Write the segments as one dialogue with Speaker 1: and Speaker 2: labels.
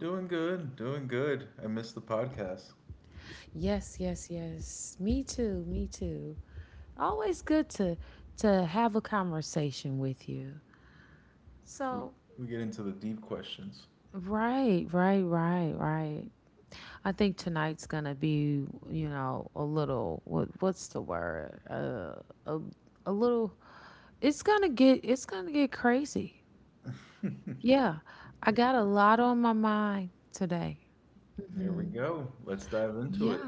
Speaker 1: Doing good, doing good. I missed the podcast. We, we get into the deep questions. There we go. Let's dive into it.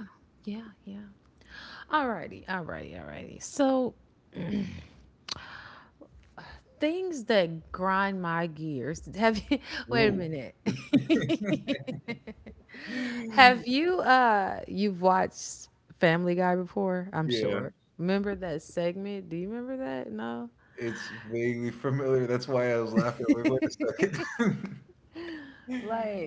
Speaker 1: Ooh. Yeah, it's vaguely familiar. That's why I was laughing. I like, wait a second.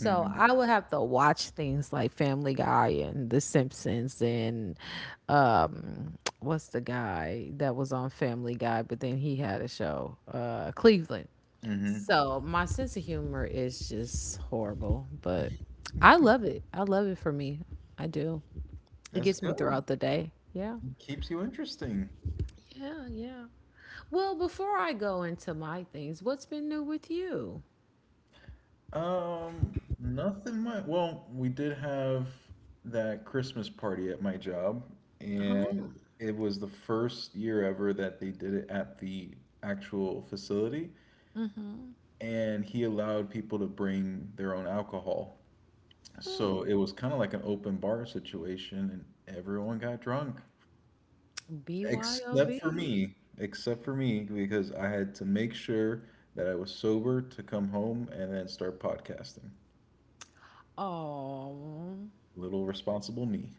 Speaker 1: Mm-hmm. Mm-hmm. That's good. Keeps you interesting. Nothing much. Well, we did have that Christmas party at my job, and it was the first year ever that they did it at the actual facility, and he allowed people to bring their own alcohol. So it was kind of like an open bar situation, and everyone got drunk except for me, because I had to make sure that I was sober to come home and then start podcasting. Little responsible me.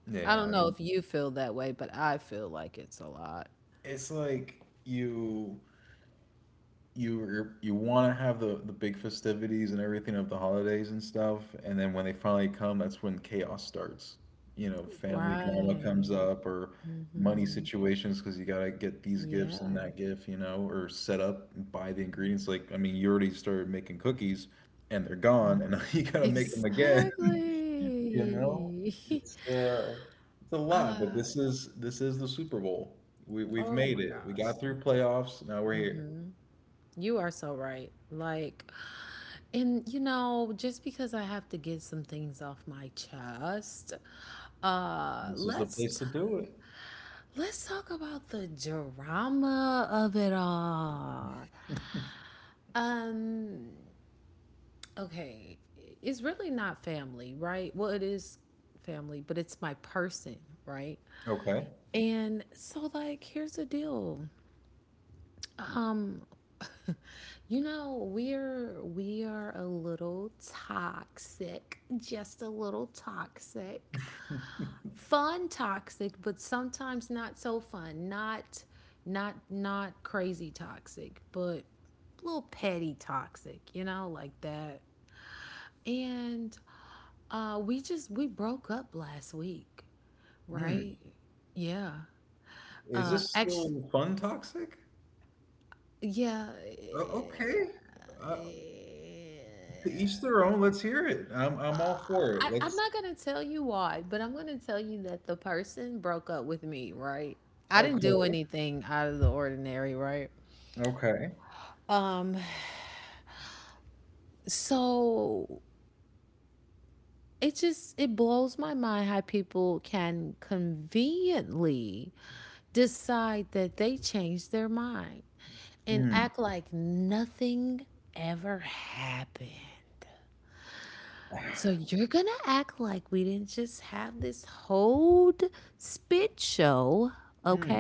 Speaker 1: Yeah, I mean, it's like you're, you want to have the big festivities and everything of the holidays and stuff, and then when they finally come, that's when chaos starts. You know, family drama comes up or money situations because you gotta get these gifts and that gift, or set up and buy the ingredients. Like, I mean, you already started making cookies and they're gone, and now you gotta make them again. You know, it's it's a lot, but this is the Super Bowl. We've made it. We got through playoffs. Now we're here. This is the place to do it. Okay. Hmm. Is this still fun toxic? Oh, okay. Uh, to each their own. Let's hear it. I'm all for it. Let's. Okay. Okay. Hmm. Hmm.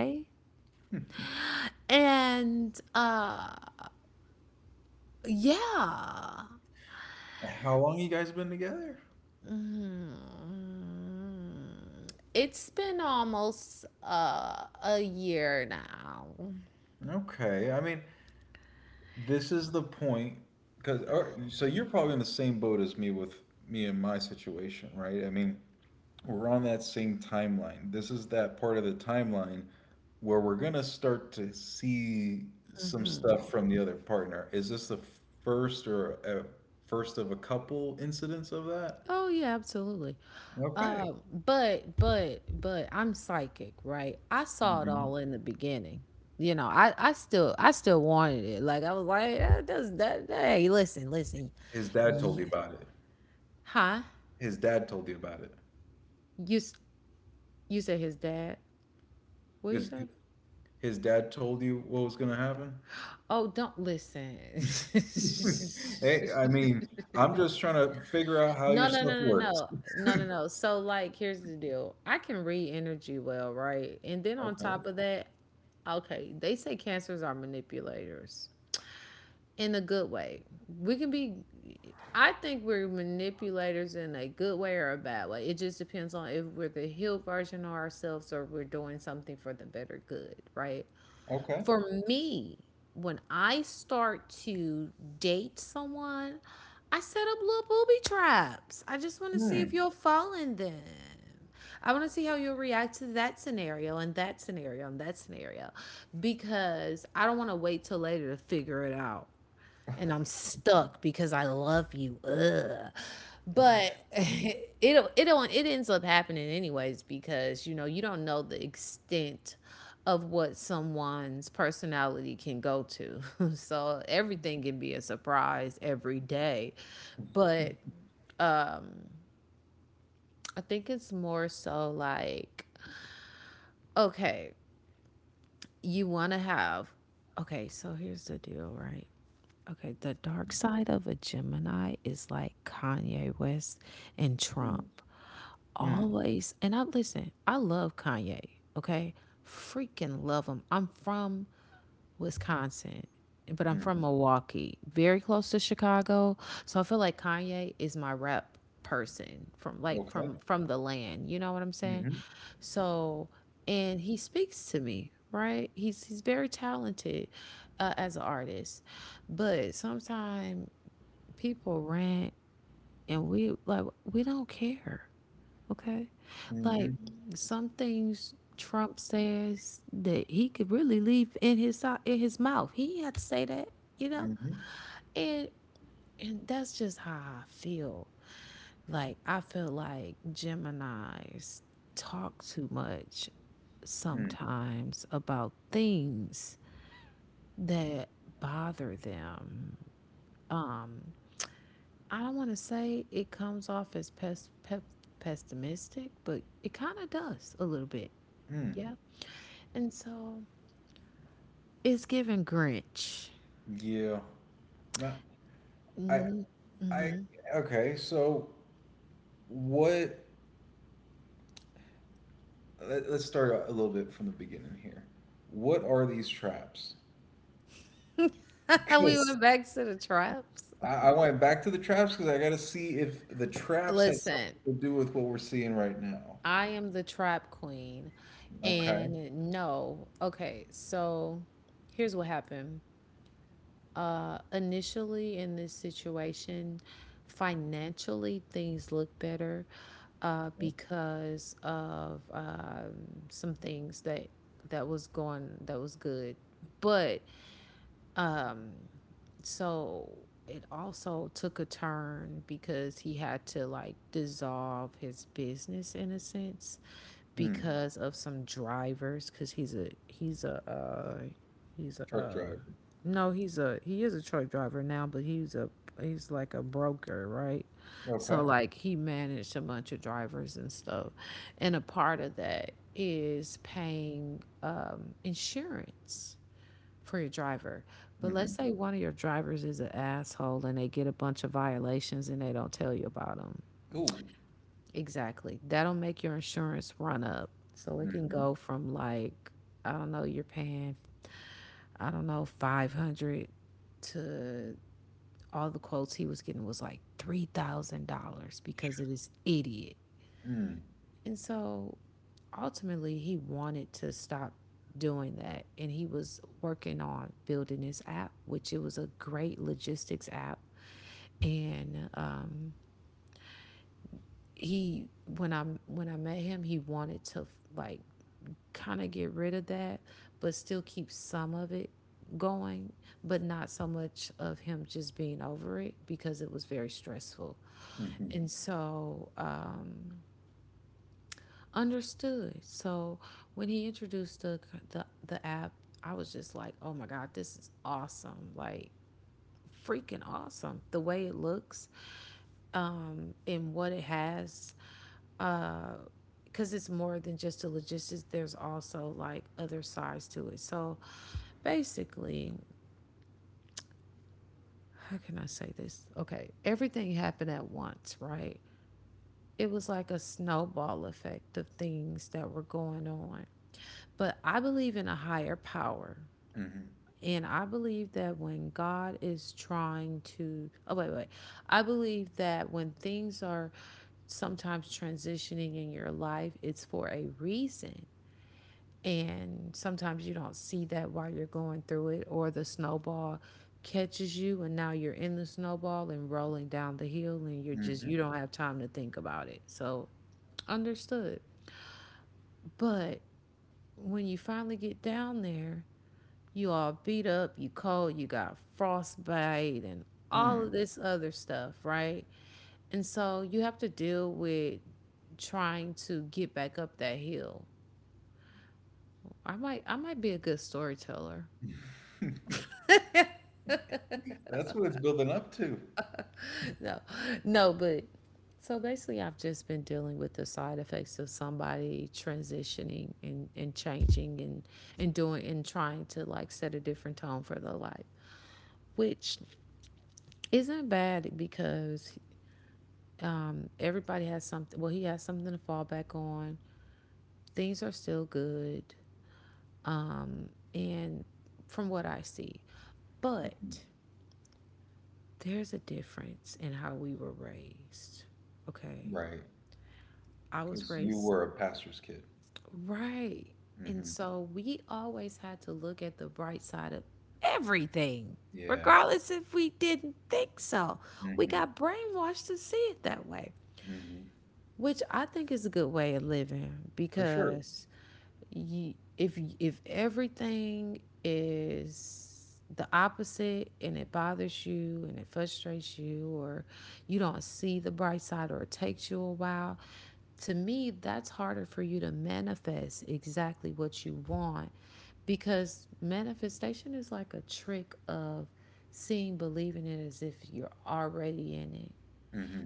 Speaker 1: How long you guys been together? Okay. I mean, this is the point because so you're probably in the same boat as me with me and my situation, right? I mean, we're on that same timeline. This is that part of the timeline where we're gonna start to see some stuff from the other partner. Is this the first or a first of a couple incidents of that? Okay. Mhm. His dad told you about it. His dad told you about it. His his dad told you what was gonna happen? Hey, I mean, I'm just trying to figure out how your stuff works. Okay. Okay. Hmm. Hmm. Hmm. Hmm. Okay. Mm-hmm. Mm-hmm. Mm-hmm. Mm-hmm. mm, Yeah. No, I I okay, so what let's start a little bit from the beginning here. What are these traps? Because I went back to the traps because I gotta see if the traps had something to do with what we're seeing right now. Okay. Mm. Truck driver. Okay. Mm-hmm. Ooh. Mm-hmm. Mm. Mm-hmm. Mm-hmm. Mm-hmm. Mm. That's what it's building up to. Right. Because you were a pastor's kid. Hmm. Yeah. Hmm. Hmm. For sure. Hmm.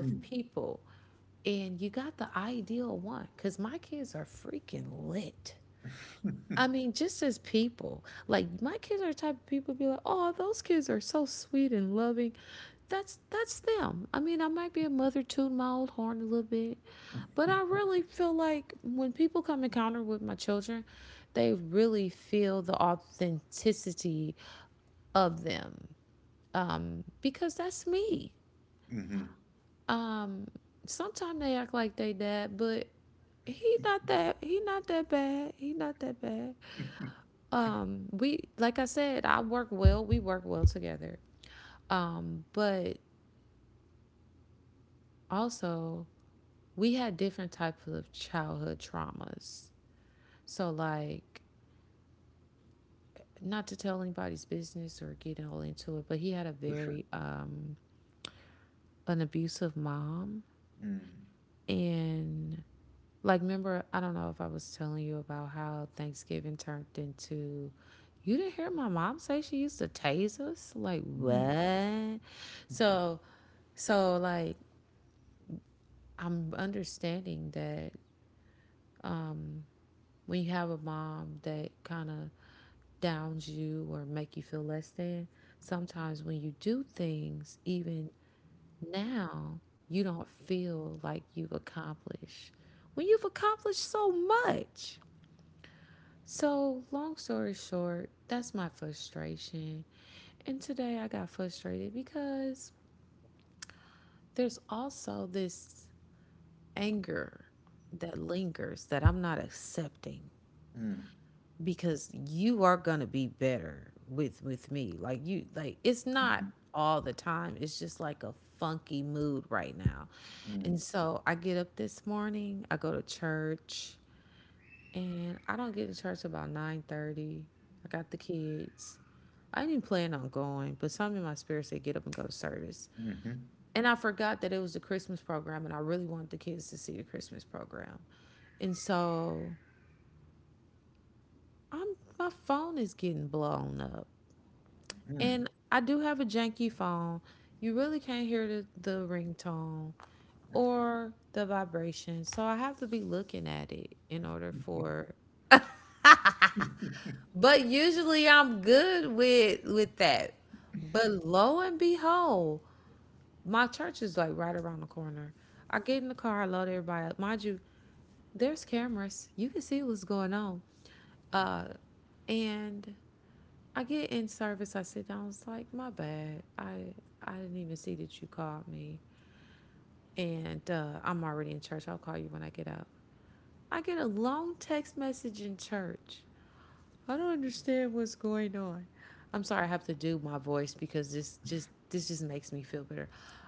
Speaker 1: Mm. Hmm. For sure. Mm. Mm. Mm. Mm. Mm. Mm. Mm.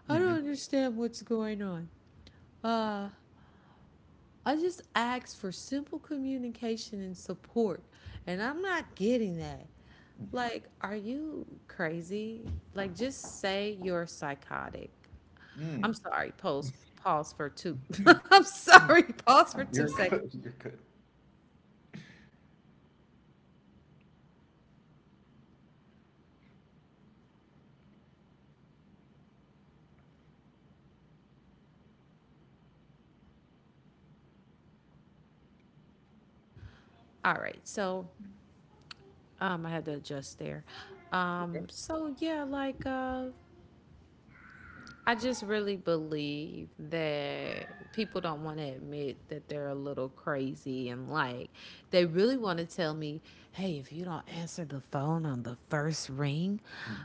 Speaker 1: Mhm. Mm. Mm. You're good. You're good. Okay. Mm.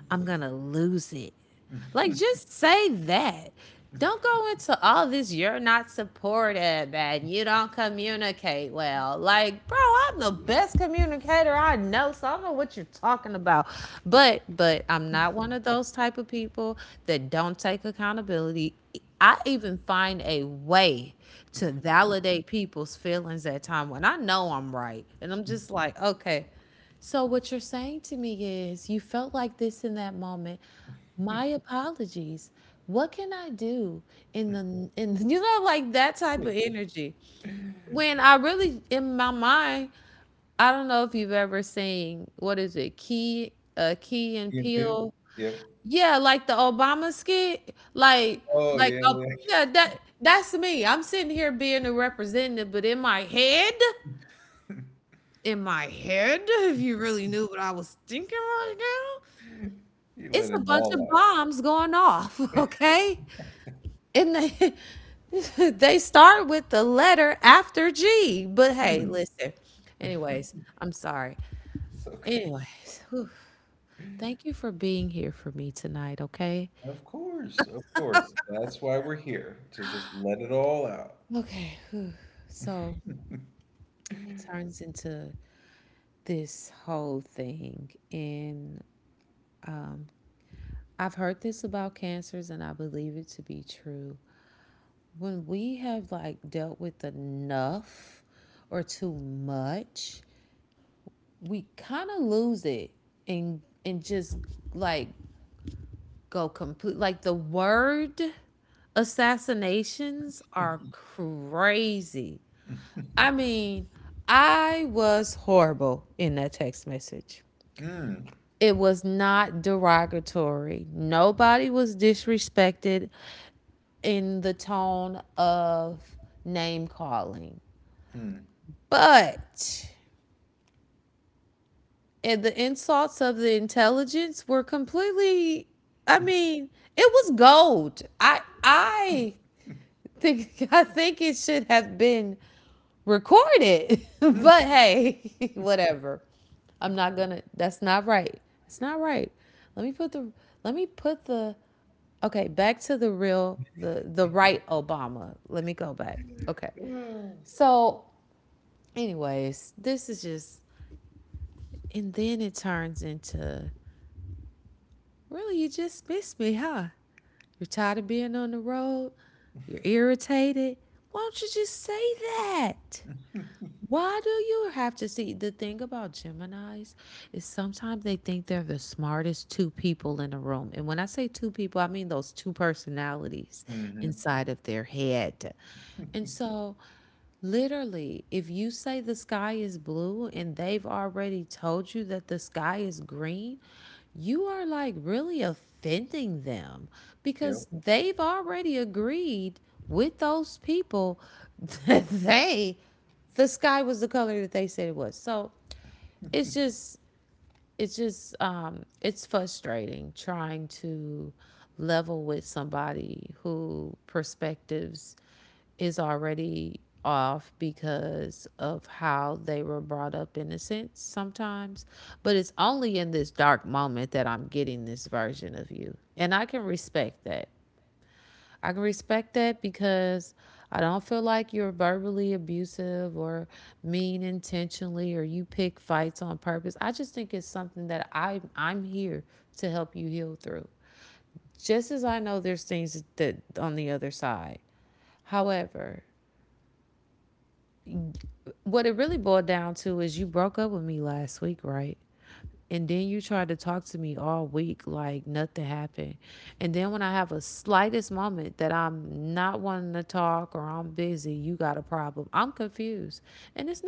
Speaker 1: Key and Peele. Yep. Oh yeah, yeah. You let it all out. Mm. It's okay. Of course, of course. That's why we're here, to just let it all out. Mm, mm, mm, mm. Hmm. Yep.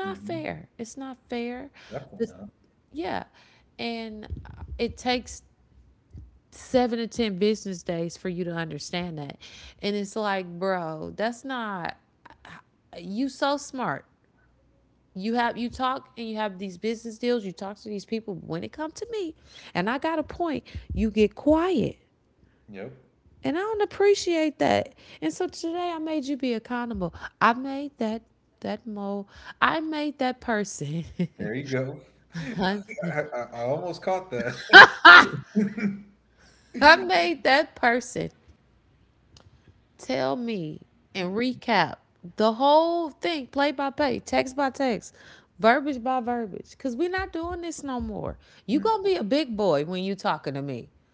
Speaker 1: Hmm. Definitely not. Yep. There you go. I almost caught that.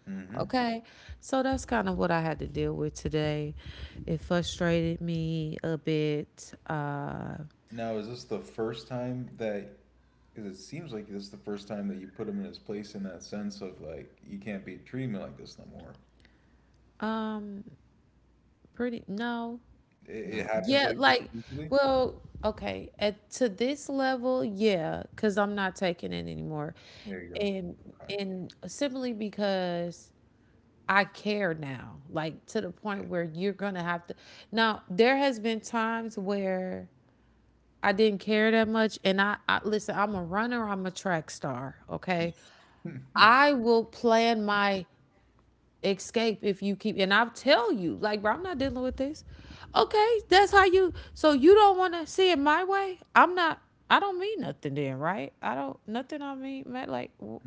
Speaker 1: Mm-hmm. Now, is this the first time that, because it seems like this is the first time that you put him in his place in that sense of like, you can't be treating me like this no more. It happens like this usually. There you go. Okay. Yeah.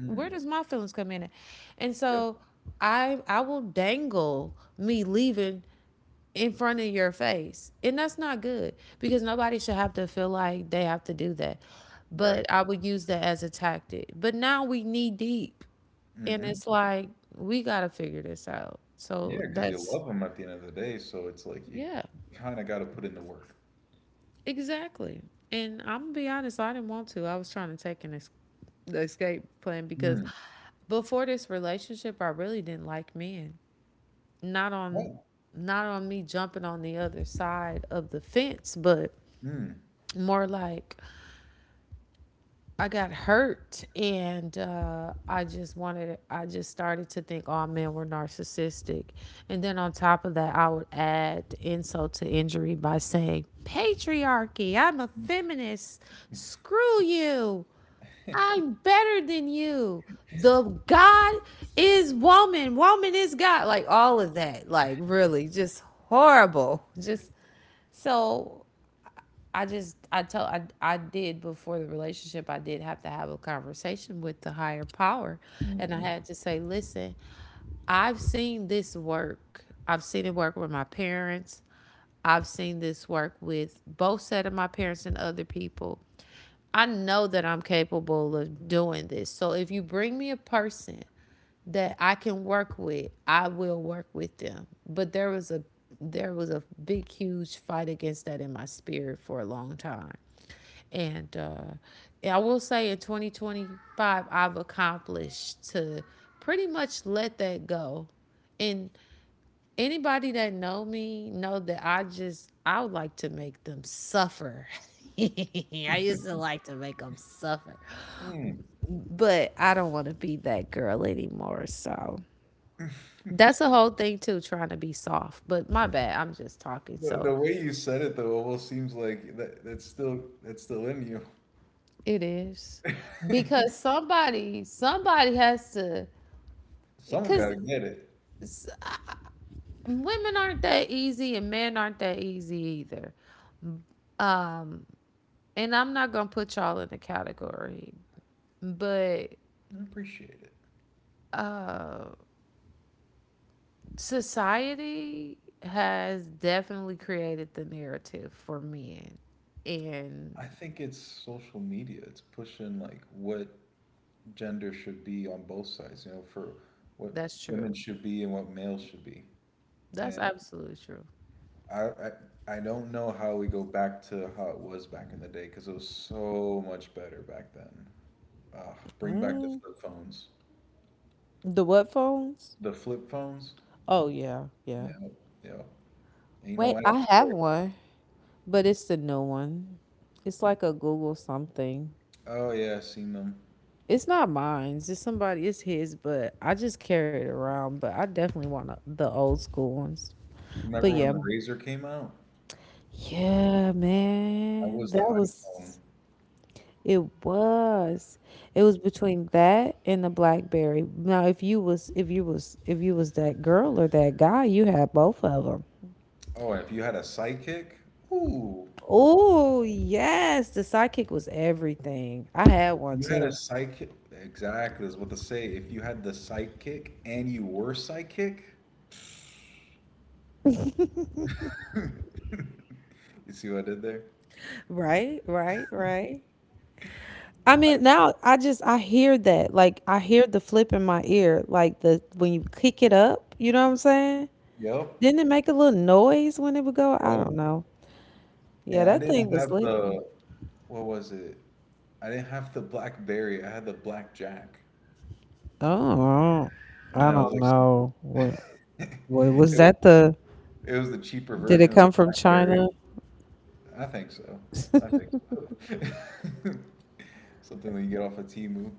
Speaker 1: Mm. Yep. Right. Hmm. Yeah, because you love them at the end of the day, so it's like you kind of got to put in the work. Mm. Right. Mm. Mm-hmm. Mm. The way you said it though almost seems like that's still in you. Someone gotta get it. I appreciate it. I think it's social media. It's pushing like what gender should be on both sides, you know, for what women should be and what males should be. And I, I, I don't know how we go back to how it was back in the day because it was so much better back then. Ugh, bring back the flip phones. The flip phones? Yeah, yeah. Ain't no apps there. Oh yeah, I seen them. Remember when the Razor came out? That was the iPhone. Oh, and if you had a sidekick, ooh, you had a psychic. Exactly, is what to say. If you had the psychic and you were psychic, you see what I did there? I, yep, yep. And I didn't have the, what was it? I didn't have the blackberry. I had the blackjack. Yeah, I was like, it, it was the cheaper version of the blackberry. I think so. I think so. Something that you get off of Temu.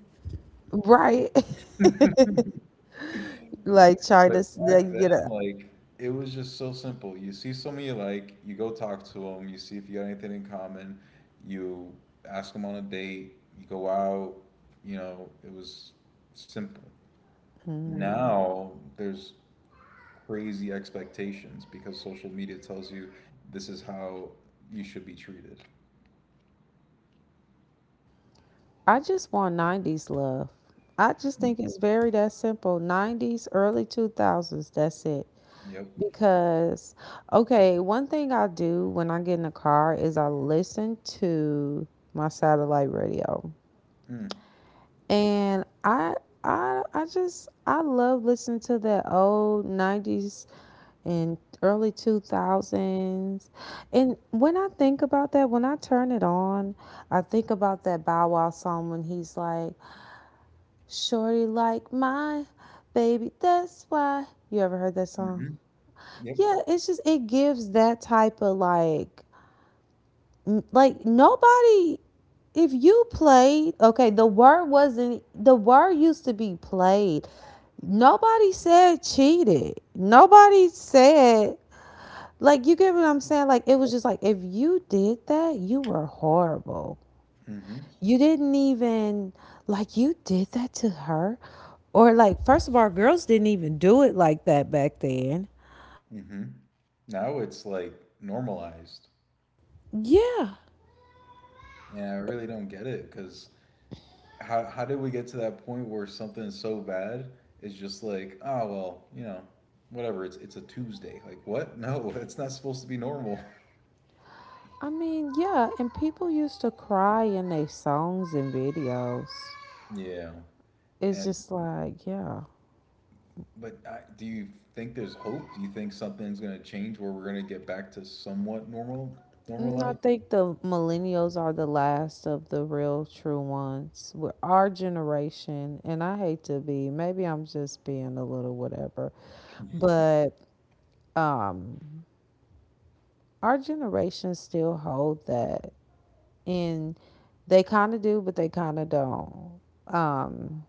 Speaker 1: But back then, like, it was just so simple. You see someone you like, you go talk to them, you see if you got anything in common, you ask them on a date, you go out, you know, it was simple. Right. Now there's crazy expectations because social media tells you this is how you should be treated. Yep. Mm. Mm-hmm. Yep. Mm-hmm. Mm-hmm. Now it's like normalized.
Speaker 2: Yeah.
Speaker 1: And I really don't get it because how did we get to that point where something so bad is just like, oh well, you know, whatever. It's a Tuesday. Like what? No, it's not supposed to be normal.
Speaker 2: I mean, yeah. And people used to cry in their songs and videos.
Speaker 1: Yeah.
Speaker 2: It's
Speaker 1: And
Speaker 2: just like, yeah.
Speaker 1: but do you think there's hope? Do you think something's going to change where we're going to get back to somewhat normal
Speaker 2: I
Speaker 1: life?
Speaker 2: think the millennials are the last of the real true ones. We're our generation, and I hate to be, maybe I'm just being a little whatever, but um, our generation still hold that. And they kind of do, but they kind of don't. Um.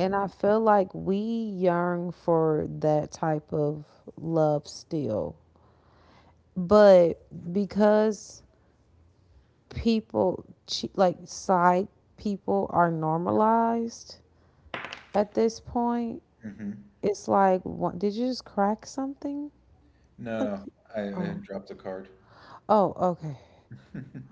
Speaker 2: And I feel like we yearn for that type of love still. But because people, like side people, are normalized at this point,
Speaker 1: Mm-hmm.
Speaker 2: it's like, what, did you just crack something?
Speaker 1: No,
Speaker 2: Like,
Speaker 1: no. I, I
Speaker 2: oh,
Speaker 1: dropped a card.
Speaker 2: oh, okay.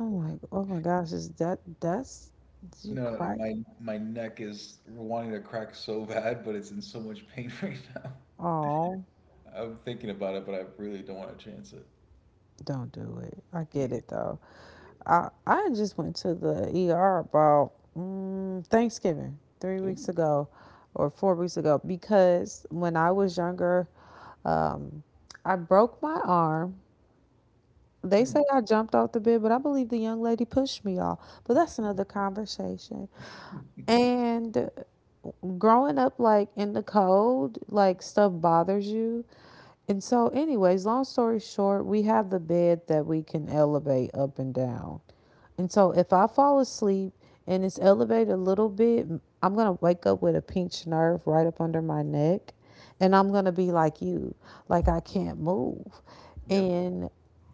Speaker 2: I'm like, oh my gosh, is that, that's, did you
Speaker 1: No, no.
Speaker 2: crack?
Speaker 1: My neck is wanting to crack so bad, but it's in so much pain right now.
Speaker 2: Oh.
Speaker 1: I'm thinking about it, but I really don't want to chance it.
Speaker 2: Don't do it. I get
Speaker 1: Yeah.
Speaker 2: it though. I just went to the ER about Thanksgiving 3 weeks
Speaker 1: Ooh.
Speaker 2: ago or 4 weeks ago because when I was younger, um, I broke my arm. They
Speaker 1: Hmm.
Speaker 2: say I jumped off the bed, but I believe the young lady pushed me off. But that's another conversation. And growing up like in the cold, like stuff bothers you. And so, anyways, long story short, we have the bed that we can elevate up and down. And so, if I fall asleep and it's elevated a little bit, I'm going to wake up with a pinched nerve right up under my neck. And I'm going to be like you, like I can't move.
Speaker 1: Yep.
Speaker 2: And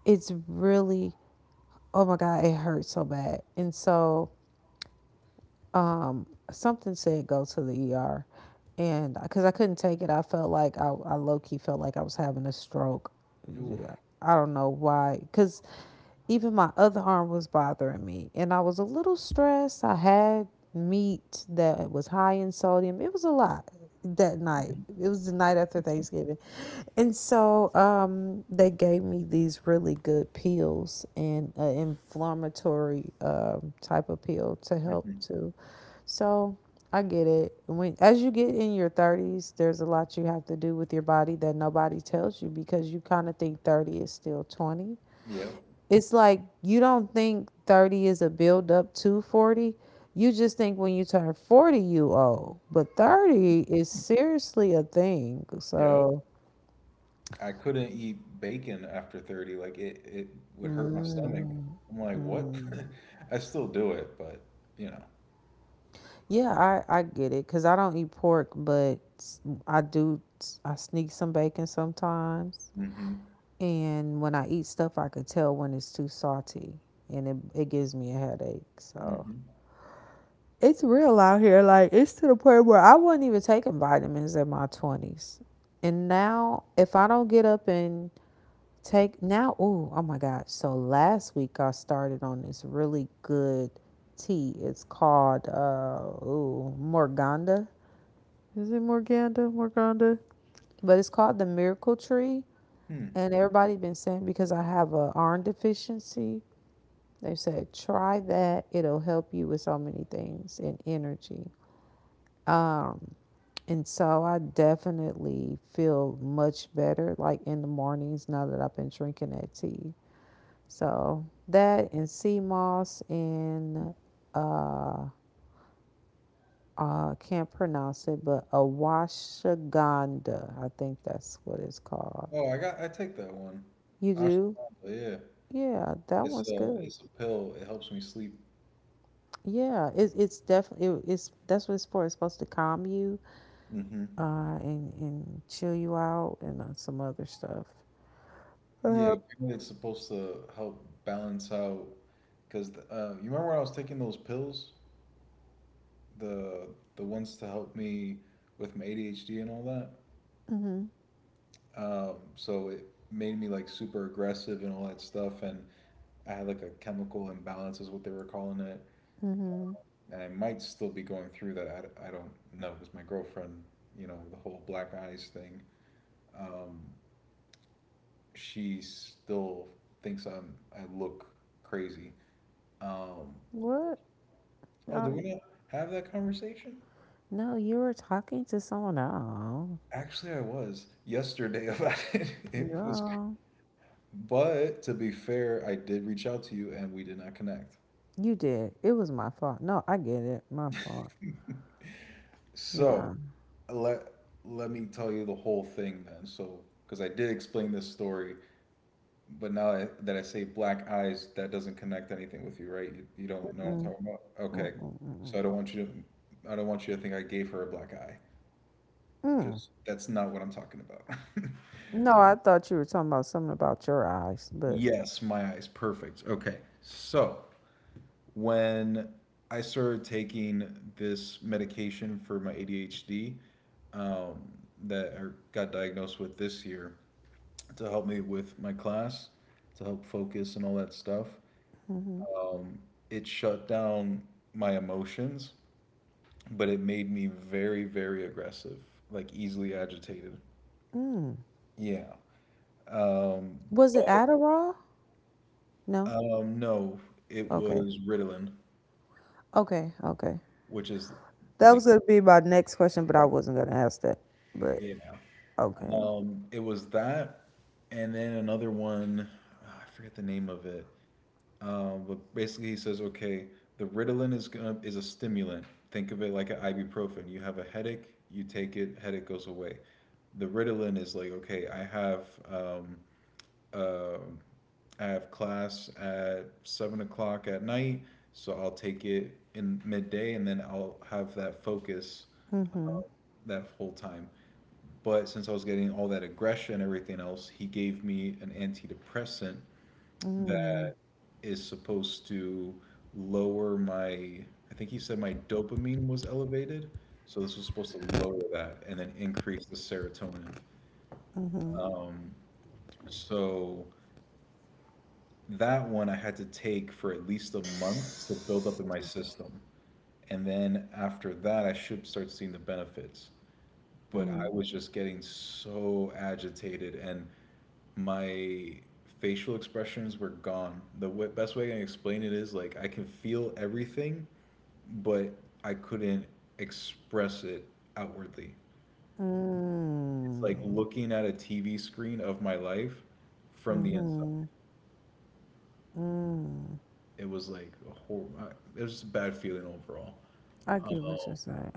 Speaker 2: it's really, oh my God, it hurts so bad. And so, something said go to the ER, and because I couldn't take it, I felt like I low key felt like I was having a stroke.
Speaker 1: Ooh.
Speaker 2: Yeah, I don't know why, because even my other arm was bothering me, and I was a little stressed. I had meat that was high in sodium. It was a lot that night.
Speaker 1: Mhm.
Speaker 2: It was the night after Thanksgiving. And so they gave me these really good pills and an inflammatory type of pill to help
Speaker 1: Mhm.
Speaker 2: to so I get it. When as you get in your thirties, there's a lot you have to do with your body that nobody tells you because you kind of think 30 is still 20.
Speaker 1: Yep.
Speaker 2: It's like you don't think 30 is a build up to 40. You just think when you turn 40, you old, but 30 is seriously a thing.
Speaker 1: Yep.
Speaker 2: So.
Speaker 1: I couldn't eat bacon after 30. Like it would hurt my stomach.
Speaker 2: Mm,
Speaker 1: I'm like, what?
Speaker 2: mm.
Speaker 1: I still do it, but you know.
Speaker 2: Yeah, I get it because I don't eat pork, but I do. I sneak some bacon sometimes.
Speaker 1: Mm-hmm.
Speaker 2: And when I eat stuff, I could tell when it's too salty and it gives me a headache. So
Speaker 1: Mm-hmm.
Speaker 2: it's real out here. Like, it's to the point where I wasn't even taking vitamins in my 20s. And now, if I don't get up and take now, oh my gosh. So last week I started on this really good tea. It's called, ooh, Morganda. Is it Morganda? Morganda? But it's called the Miracle Tree.
Speaker 1: Hmm.
Speaker 2: And everybody been saying because I have a iron deficiency, they said, try that. It'll help you with so many things and energy. Um, and so I definitely feel much better, like in the mornings now that I've been drinking that tea. So that and sea moss and uh, I can't pronounce it, but awashaganda. I think that's what it's called.
Speaker 1: Oh, I got. I take that one.
Speaker 2: You
Speaker 1: Ashwagandha.
Speaker 2: do?
Speaker 1: Yeah.
Speaker 2: Yeah, that one's good.
Speaker 1: It's a pill. It helps me sleep.
Speaker 2: Yeah, it's definitely it, it's that's what it's for. It's supposed to calm you
Speaker 1: Mm-hmm.
Speaker 2: and chill you out and some other stuff.
Speaker 1: Yeah.
Speaker 2: Uh.
Speaker 1: Apparently, it's supposed to help balance out. Because you remember when I was taking those pills? the the ones to help me with my ADHD and all that.
Speaker 2: Mm-hmm.
Speaker 1: So it made me like super aggressive and all that stuff, and I had like a chemical imbalance is what they were calling it,
Speaker 2: Mm-hmm.
Speaker 1: and I might still be going through that. I don't know because my girlfriend, you know, the whole black eyes thing. Um, she still thinks I look crazy. Um,
Speaker 2: What?
Speaker 1: oh,
Speaker 2: Uh,
Speaker 1: did we not have that conversation?
Speaker 2: no, you were talking to someone else.
Speaker 1: Actually, I was yesterday about it. It was.
Speaker 2: Yeah,
Speaker 1: But to be fair, I did reach out to you and we did not connect.
Speaker 2: you did. It was my fault. No, I get it. My fault. Yeah.
Speaker 1: So let let me tell you the whole thing then. So because I did explain this story, but now that I say black eyes, that doesn't connect anything with you, right? You don't know
Speaker 2: Mm,
Speaker 1: what I'm
Speaker 2: mm,
Speaker 1: talking about.
Speaker 2: mm,
Speaker 1: Okay,
Speaker 2: mm,
Speaker 1: so
Speaker 2: mm.
Speaker 1: I don't want you to think I gave her a black eye.
Speaker 2: Mm.
Speaker 1: Just that's not what I'm talking about.
Speaker 2: No, I thought you were talking about something about your eyes, but
Speaker 1: Yes, my eyes. Perfect. Okay. So when I started taking this medication for my ADHD um, that I got diagnosed with this year to help me with my class, to help focus and all that stuff,
Speaker 2: hmm,
Speaker 1: it shut down my emotions, but it made me very, very aggressive, like easily agitated.
Speaker 2: mm.
Speaker 1: Yeah. Um,
Speaker 2: Was it
Speaker 1: but
Speaker 2: Adderall? No.
Speaker 1: no, it
Speaker 2: Okay.
Speaker 1: was Ritalin,
Speaker 2: Okay. Okay.
Speaker 1: which is
Speaker 2: That
Speaker 1: like,
Speaker 2: was gonna be my next question, but I wasn't gonna ask that. But
Speaker 1: yeah.
Speaker 2: okay.
Speaker 1: It was that, and then another one. Ah, I forget the name of it. But Basically, he says, okay, the Ritalin is a stimulant. Think of it like an ibuprofen. You have a headache, you take it, headache goes away. The Ritalin is like, okay, um, um I have class at 7 o'clock at night, so I'll take it in midday, and then I'll have that focus that whole time. But since I was getting all that aggression and everything else, he gave me an antidepressant
Speaker 2: Mm,
Speaker 1: that is supposed to lower my, I think he said my dopamine was elevated. So this was supposed to lower that and then increase the serotonin. So that one I had to take for at least a month to build up in my system. And then after that, I should start seeing the benefits. But I was just getting so agitated and my facial expressions were gone. The best way I can explain it is like I can feel everything, but I couldn't express it outwardly. It's like
Speaker 2: mm,
Speaker 1: looking at a TV screen of my life from the inside.
Speaker 2: hmm.
Speaker 1: It was like a horrible. It was just a bad feeling overall.
Speaker 2: I
Speaker 1: Um,
Speaker 2: get what you're saying.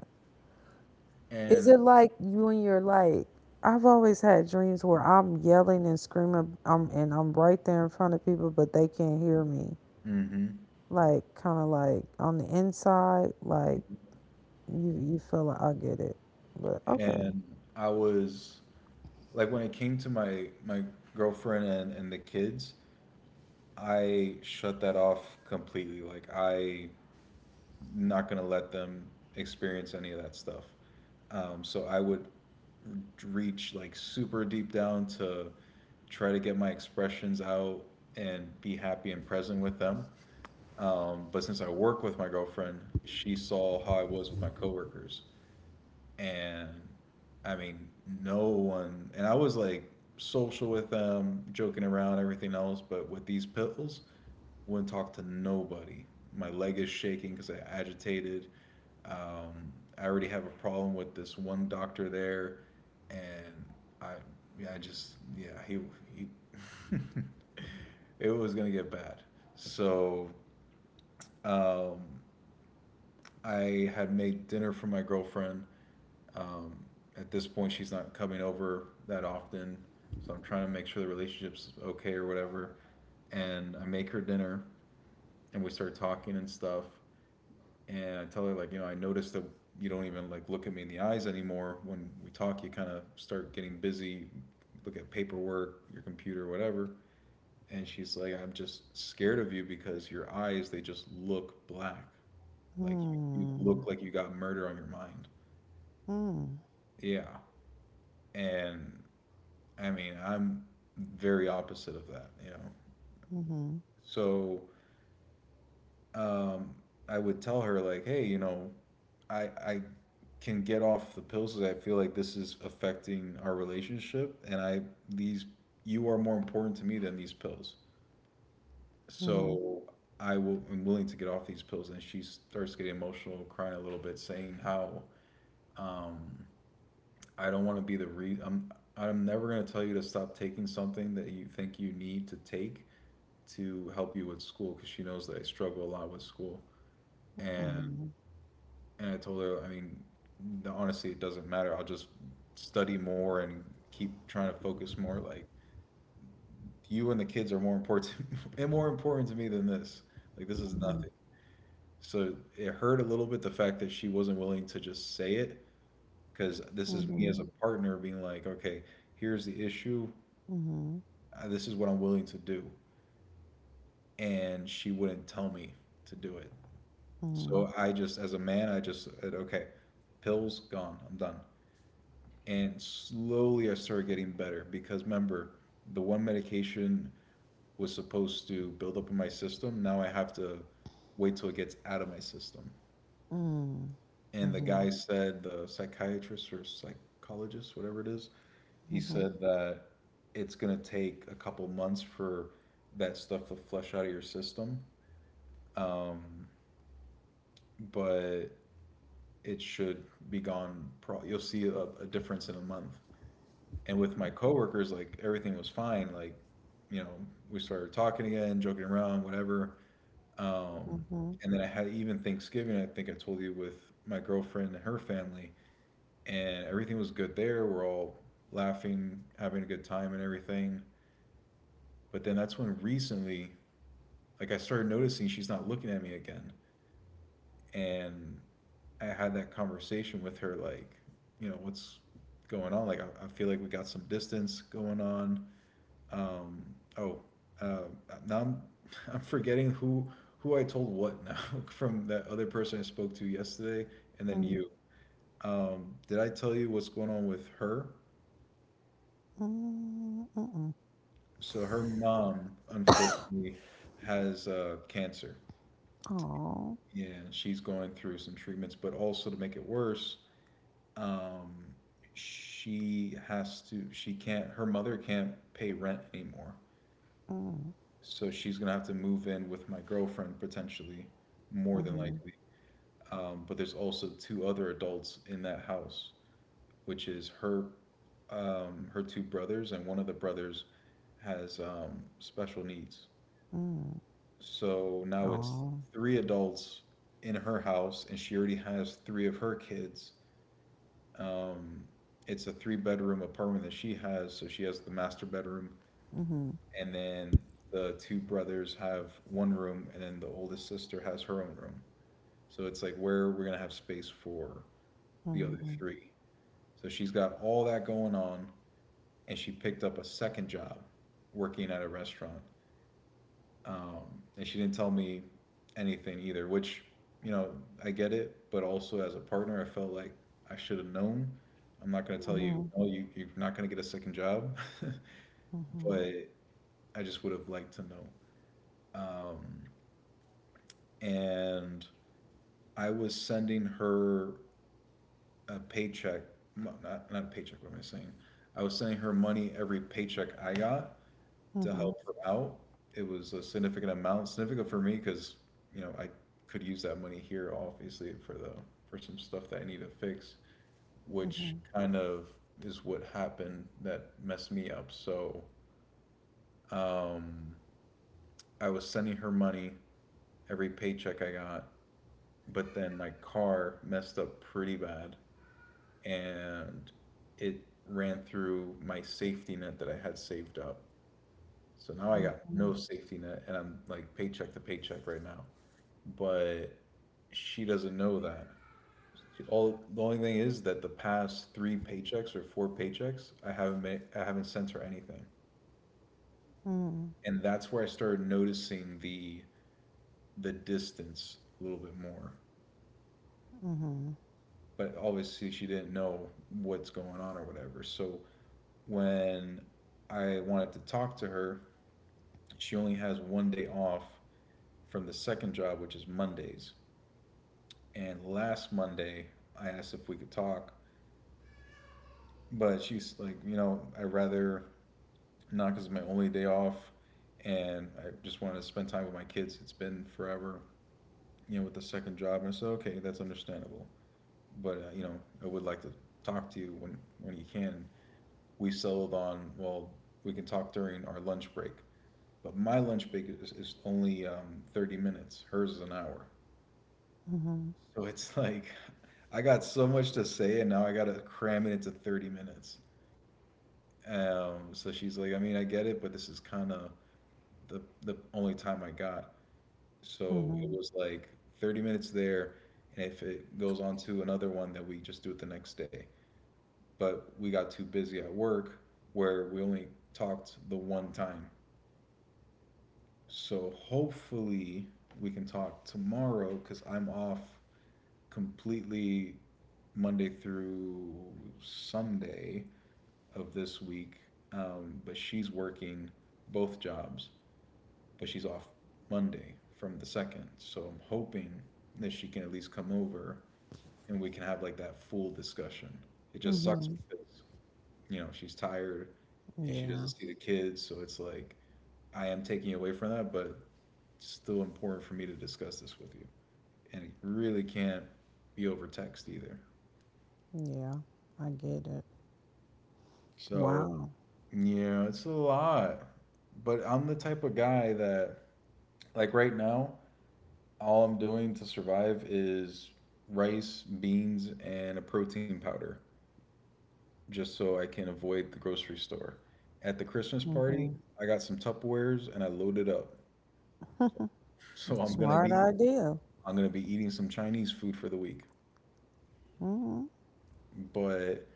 Speaker 2: Is
Speaker 1: and
Speaker 2: it like you and your like? I've always had dreams where I'm yelling and screaming, I'm and I'm right there in front of people, but they can't hear me.
Speaker 1: mhm.
Speaker 2: Like kind of like on the inside, like you feel like I get it, but okay.
Speaker 1: and I was like when it came to my girlfriend and the kids, I shut that off completely. Like I not gonna let them experience any of that stuff. So I would reach like super deep down to try to get my expressions out and be happy and present with them. But since I work with my girlfriend, she saw how I was with my coworkers and I mean, no one. And I was like social with them, joking around, everything else. But with these pills, wouldn't talk to nobody. My leg is shaking because I agitated. Um, I already have a problem with this one doctor there, and I, yeah, I just, yeah, he it was gonna get bad. So um, I had made dinner for my girlfriend. Um, at this point, she's not coming over that often, so I'm trying to make sure the relationship's okay or whatever. And I make her dinner, and we start talking and stuff. And I tell her like, you know, I noticed that you don't even like look at me in the eyes anymore when we talk. You kind of start getting busy, look at paperwork, your computer, whatever. And she's like, I'm just scared of you because your eyes they just look black, like you
Speaker 2: Mm,
Speaker 1: look like you got murder on your mind.
Speaker 2: mm,
Speaker 1: Yeah. And I mean, I'm very opposite of that, you know.
Speaker 2: mm-hmm,
Speaker 1: So um, I would tell her like, hey, you know, I can get off the pills because I feel like this is affecting our relationship, and I these you are more important to me than these pills.
Speaker 2: mm-hmm,
Speaker 1: So I will am willing to get off these pills, and she starts getting emotional, crying a little bit, saying how um, I don't want to be the re I'm never gonna tell you to stop taking something that you think you need to take to help you with school because she knows that I struggle a lot with school. And
Speaker 2: mm-hmm,
Speaker 1: and I told her, I mean, honestly, it doesn't matter. I'll just study more and keep trying to focus more. Like you and the kids are more important and more important to me than this. Like this is nothing. So it hurt a little bit the fact that she wasn't willing to just say it because this is me
Speaker 2: mm-hmm,
Speaker 1: as a partner being like, okay, here's the issue.
Speaker 2: mm-hmm,
Speaker 1: This is what I'm willing to do. And she wouldn't tell me to do it.
Speaker 2: mm-hmm,
Speaker 1: So I just, as a man, I just said, okay, pills gone, I'm done. And slowly I started getting better because remember, the one medication was supposed to build up in my system. Now I have to wait till it gets out of my system.
Speaker 2: mm-hmm,
Speaker 1: And the
Speaker 2: mm-hmm,
Speaker 1: guy said, the psychiatrist or psychologist, whatever it is, he
Speaker 2: mm-hmm.
Speaker 1: said that it's going to take a couple months for that stuff to flush out of your system. But it should be gone. You'll see a difference in a month. And with my coworkers, like everything was fine. Like, you know, we started talking again, joking around, whatever. Um,
Speaker 2: Mm-hmm.
Speaker 1: and then I had even Thanksgiving. I think I told you with my girlfriend and her family, and everything was good there. We're all laughing, having a good time, and everything. But then that's when recently, like, I started noticing she's not looking at me again, and I had that conversation with her, like, you know, what's going on? Like, I feel like we got some distance going on. Um, oh, uh, now I'm, I'm forgetting who I told what now from that other person I spoke to yesterday, and then you. Did I tell you what's going on with her? So her mom, unfortunately, has cancer,
Speaker 2: Oh.
Speaker 1: and she's going through some treatments. But also to make it worse, um, she has to she can't her mother can't pay rent anymore,
Speaker 2: Mm,
Speaker 1: so she's gonna have to move in with my girlfriend potentially, more than
Speaker 2: mhm,
Speaker 1: likely. But there's also two other adults in that house, which is her two brothers, and one of the brothers has special needs.
Speaker 2: mm.
Speaker 1: So now it's
Speaker 2: Oh.
Speaker 1: three adults in her house, and she already has three of her kids. Um, it's a three-bedroom apartment that she has, so she has the master bedroom, and then the two brothers have one room, and then the oldest sister has her own room. So it's like where we're gonna have space for the other three. So she's got all that going on, and she picked up a second job working at a restaurant. And she didn't tell me anything either. Which, you know, I get it, but also as a partner, I felt like I should have known. I'm not gonna tell you
Speaker 2: Mm.
Speaker 1: no, you're not gonna get a second job,
Speaker 2: Mhm,
Speaker 1: but I just would have liked to know. Um, and I was sending her a paycheck. No, not a paycheck. What am I saying? I was sending her money every paycheck I got to
Speaker 2: mhm,
Speaker 1: help her out. It was a significant amount, significant for me because you know I could use that money here, obviously, for the for some stuff that I need to fix, which
Speaker 2: mhm,
Speaker 1: kind of is what happened that messed me up. So um, I was sending her money every paycheck I got, but then my car messed up pretty bad and it ran through my safety net that I had saved up. So now I got
Speaker 2: mhm,
Speaker 1: no safety net and I'm like paycheck to paycheck right now. But she doesn't know that. All the only thing is that the past three paychecks or four paychecks, I haven't sent her anything.
Speaker 2: mhm, mm,
Speaker 1: And that's where I started noticing the distance a little bit more.
Speaker 2: mhm,
Speaker 1: But obviously she didn't know what's going on or whatever. So when I wanted to talk to her, she only has one day off from the second job, which is Mondays. And last Monday, I asked if we could talk, but she's like, you know, I'd rather not because it's my only day off and I just wanted to spend time with my kids. It's been forever, you know, with the second job. And I said, okay, that's understandable. But you know, I would like to talk to you when you can. We settled on, well, we can talk during our lunch break. But my lunch break is only 30 minutes, hers is an hour. So it's like, I got so much to say, and now I got to cram it into 30 minutes. So she's like, I mean, I get it, but this is kind of the only time I got. So it
Speaker 2: mhm,
Speaker 1: was like 30 minutes there, and if it goes on to another one, then we just do it the next day. But we got too busy at work where we only talked the one time. So hopefully we can talk tomorrow because I'm off completely Monday through Sunday of this week. But she's working both jobs. But she's off Monday from the second. So I'm hoping that she can at least come over and we can have like that full discussion. It just sucks
Speaker 2: mhm.
Speaker 1: because, you know, she's tired and she
Speaker 2: Yeah.
Speaker 1: doesn't see the kids. So it's like, I am taking away from that, but it's still important for me to discuss this with you. And it really can't be over text either.
Speaker 2: Yeah. I get it.
Speaker 1: So,
Speaker 2: Wow.
Speaker 1: yeah, it's a lot. But I'm the type of guy that, like, right now, all I'm doing to survive is rice, beans, and a protein powder, just so I can avoid the grocery store. At the Christmas party, I got some Tupperwares and I loaded up. So I'm
Speaker 2: Smart
Speaker 1: gonna be
Speaker 2: idea.
Speaker 1: I'm gonna be eating some Chinese food for the week.
Speaker 2: Hmm.
Speaker 1: But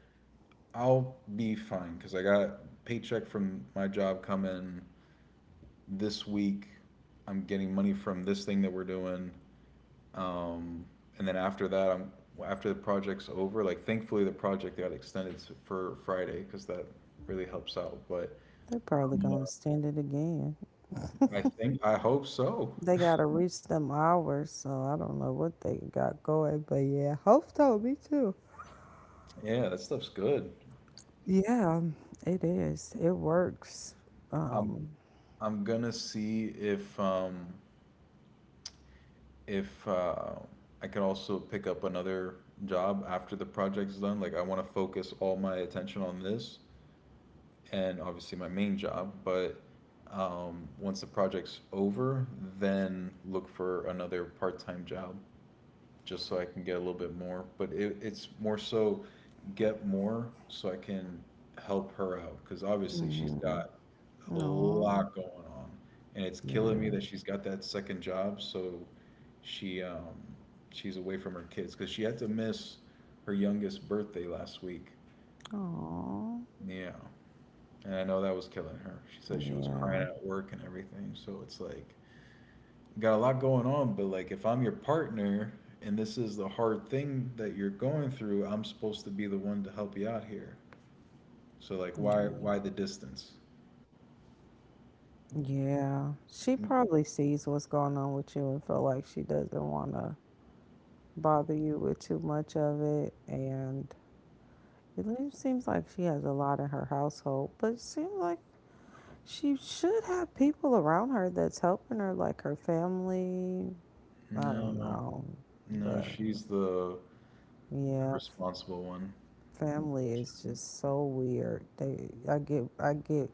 Speaker 1: I'll be fine because I got paycheck from my job coming this week. I'm getting money from this thing that we're doing. Um, and then after that, I'm after the project's over. Like thankfully, the project got extended for Friday because that really helps out. But
Speaker 2: They're probably
Speaker 1: um,
Speaker 2: gonna extend it again.
Speaker 1: I think I hope so.
Speaker 2: They gotta reach them hours, so I don't know what they got going, but yeah, hope so. Me too.
Speaker 1: Yeah, that stuff's good.
Speaker 2: Yeah, it is. It works.
Speaker 1: I'm
Speaker 2: Um.
Speaker 1: I'm gonna see if if uh, I could also pick up another job after the project's done. Like I want to focus all my attention on this and obviously my main job. But once the project's over, then look for another part time job just so I can get a little bit more. But it's more so get more so I can help her out because obviously she's
Speaker 2: Mm-hmm.
Speaker 1: got a
Speaker 2: Oh,
Speaker 1: lot going on, and it's killing me
Speaker 2: yeah.
Speaker 1: that she's got that second job. So she she's away from her kids because she had to miss her youngest birthday last week.
Speaker 2: Oh,
Speaker 1: Yeah, and I know that was killing her. She said she was
Speaker 2: yeah,
Speaker 1: crying at work and everything. So it's like, got a lot going on, but like, if I'm your partner and this is the hard thing that you're going through, I'm supposed to be the one to help you out here. So like, why
Speaker 2: yeah,
Speaker 1: why the distance?
Speaker 2: yeah. She
Speaker 1: N-
Speaker 2: probably sees what's going on with you and feel like she doesn't want to bother you with too much of it. And seems like she has a lot in her household, but it seems like she should have people around her that's helping her, like her family. I don't
Speaker 1: No,
Speaker 2: know,
Speaker 1: no,
Speaker 2: but
Speaker 1: she's the
Speaker 2: yeah,
Speaker 1: responsible one,
Speaker 2: family is
Speaker 1: unfortunately.
Speaker 2: just so weird. They, I get,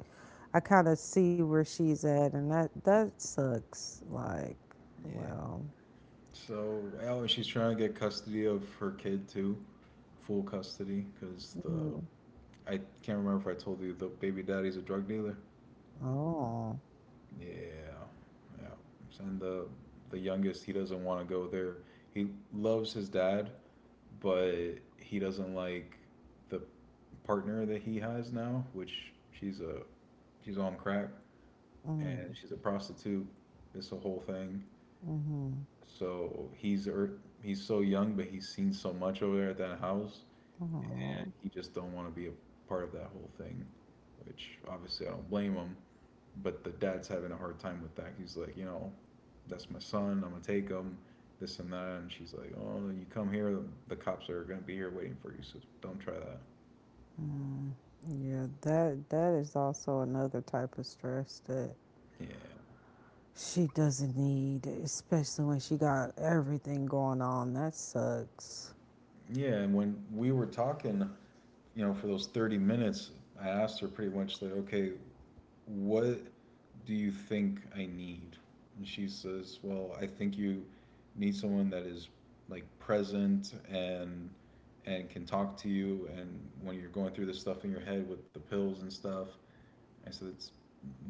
Speaker 2: I kind of see where she's at, and that that sucks. Like,
Speaker 1: Yeah.
Speaker 2: well,
Speaker 1: So, oh, and she's trying to get custody of her kid too, full custody, because the
Speaker 2: mm,
Speaker 1: I can't remember if I told you the baby daddy's a drug dealer.
Speaker 2: oh,
Speaker 1: Yeah, yeah. And the youngest, he doesn't want to go there. He loves his dad, but he doesn't like the partner that he has now, which she's on crack
Speaker 2: mm,
Speaker 1: and she's a prostitute. It's a whole thing.
Speaker 2: mm-hmm,
Speaker 1: So he's so young, but he's seen so much over there at that house, and
Speaker 2: oh,
Speaker 1: he just don't want to be a part of that whole thing, which obviously I don't blame him, but the dad's having a hard time with that. He's like, you know, that's my son. I'm gonna take him, this and that. And she's like, oh, no, you come here, the cops are gonna be here waiting for you. So don't try that.
Speaker 2: yeah. That is also another type of stress that
Speaker 1: Yeah,
Speaker 2: she doesn't need, especially when she got everything going on. That sucks.
Speaker 1: yeah. And when we were talking, for those 30 minutes, I asked her pretty much like, okay, what do you think I need? And she says, well, I think you need someone that is like present and can talk to you and when you're going through this stuff in your head with the pills and stuff. I said it's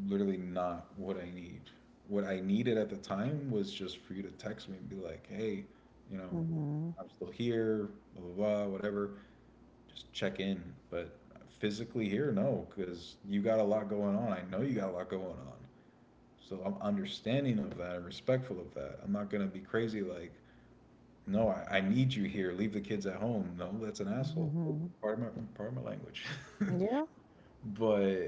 Speaker 1: literally not what I need. What I needed at the time was just for you to text me and be like, hey, you know,
Speaker 2: Mm.
Speaker 1: I'm still here, blah blah blah, whatever, just check in. But physically here, no, because you got a lot going on. I know you got a lot going on. So I'm understanding of that and respectful of that. I'm not going to be crazy like, no, I need you here. Leave the kids at home. No, that's an asshole. Part of my part of my language.
Speaker 2: Yeah.
Speaker 1: But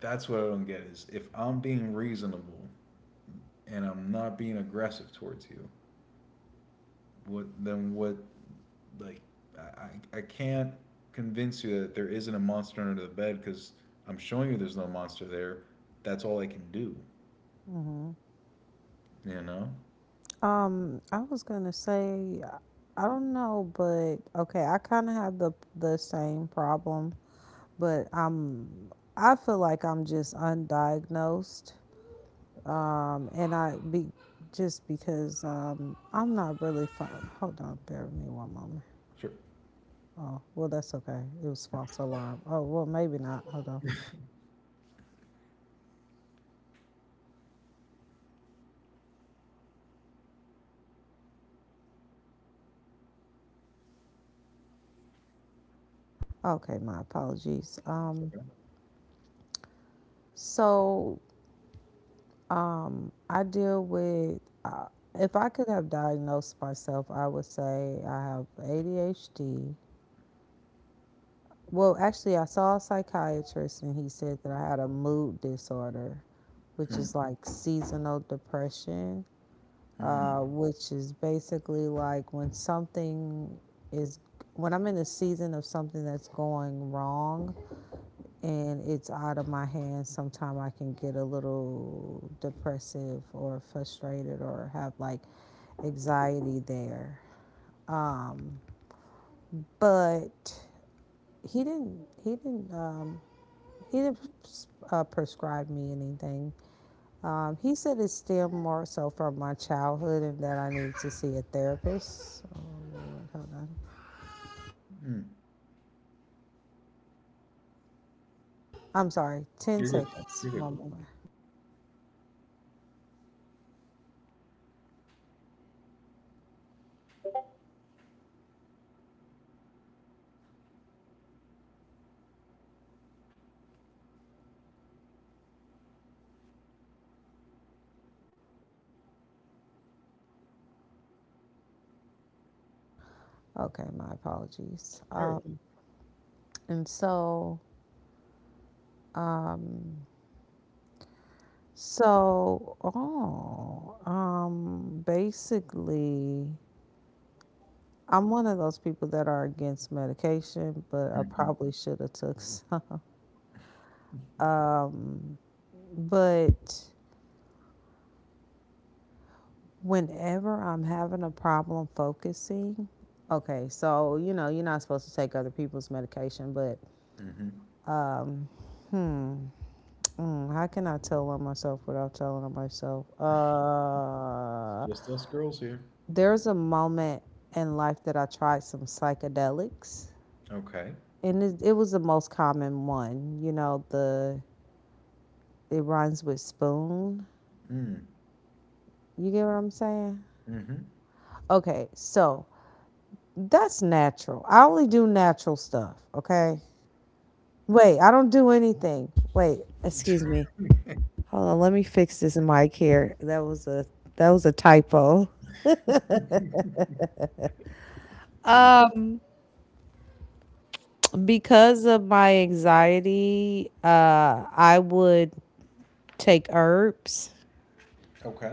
Speaker 1: that's what I don't get is if I'm being reasonable and I'm not being aggressive towards you, what then what like I, I can't convince you that there isn't a monster under the bed because I'm showing you there's no monster there. That's all I can do. You know.
Speaker 2: I was gonna say, I don't know, but okay, I kind of have the same problem, but I feel like I'm just undiagnosed, and I be just because I'm not really fine. Hold on, bear with me one moment.
Speaker 1: Sure.
Speaker 2: Oh, well, that's okay. It was false alarm. Oh, well, maybe not. Hold on. Okay, my apologies.
Speaker 1: It's okay.
Speaker 2: So I deal with, uh, if I could have diagnosed myself, I would say I have ADHD. Well, actually, I saw a psychiatrist and he said that I had a mood disorder, which
Speaker 1: Mm,
Speaker 2: is like seasonal depression,
Speaker 1: mm,
Speaker 2: which is basically like when is, when I'm in the season of something that's going wrong, and it's out of my hands, sometimes I can get a little depressive or frustrated or have like anxiety there. Um, but he didn't. He didn't. He didn't prescribe me anything. He said it's still more so from my childhood and that I need to see a therapist. Oh, hold on.
Speaker 1: mm.
Speaker 2: I'm sorry, 10
Speaker 1: You're good.
Speaker 2: seconds.
Speaker 1: You're good.
Speaker 2: One moment. Okay, my apologies.
Speaker 1: You're okay.
Speaker 2: And so, oh, basically, I'm one of those people that are against medication, but I probably should have took some. But whenever I'm having a problem focusing, okay, so you know, you're not supposed to take other people's medication, but
Speaker 1: Hmm hmm.
Speaker 2: hmm, how can I tell on myself without telling on myself?
Speaker 1: It's just us girls here.
Speaker 2: There's a moment in life that I tried some psychedelics
Speaker 1: Okay.
Speaker 2: and it was the most common one. You know, the it rhymes with spoon.
Speaker 1: Mm,
Speaker 2: You get what I'm saying?
Speaker 1: hmm.
Speaker 2: Okay, so that's natural. I only do natural stuff. Okay. Wait, I don't do anything. Wait, excuse me. Hold on, let me fix this mic here. That was a typo. Because of my anxiety, I would take herbs.
Speaker 1: Okay.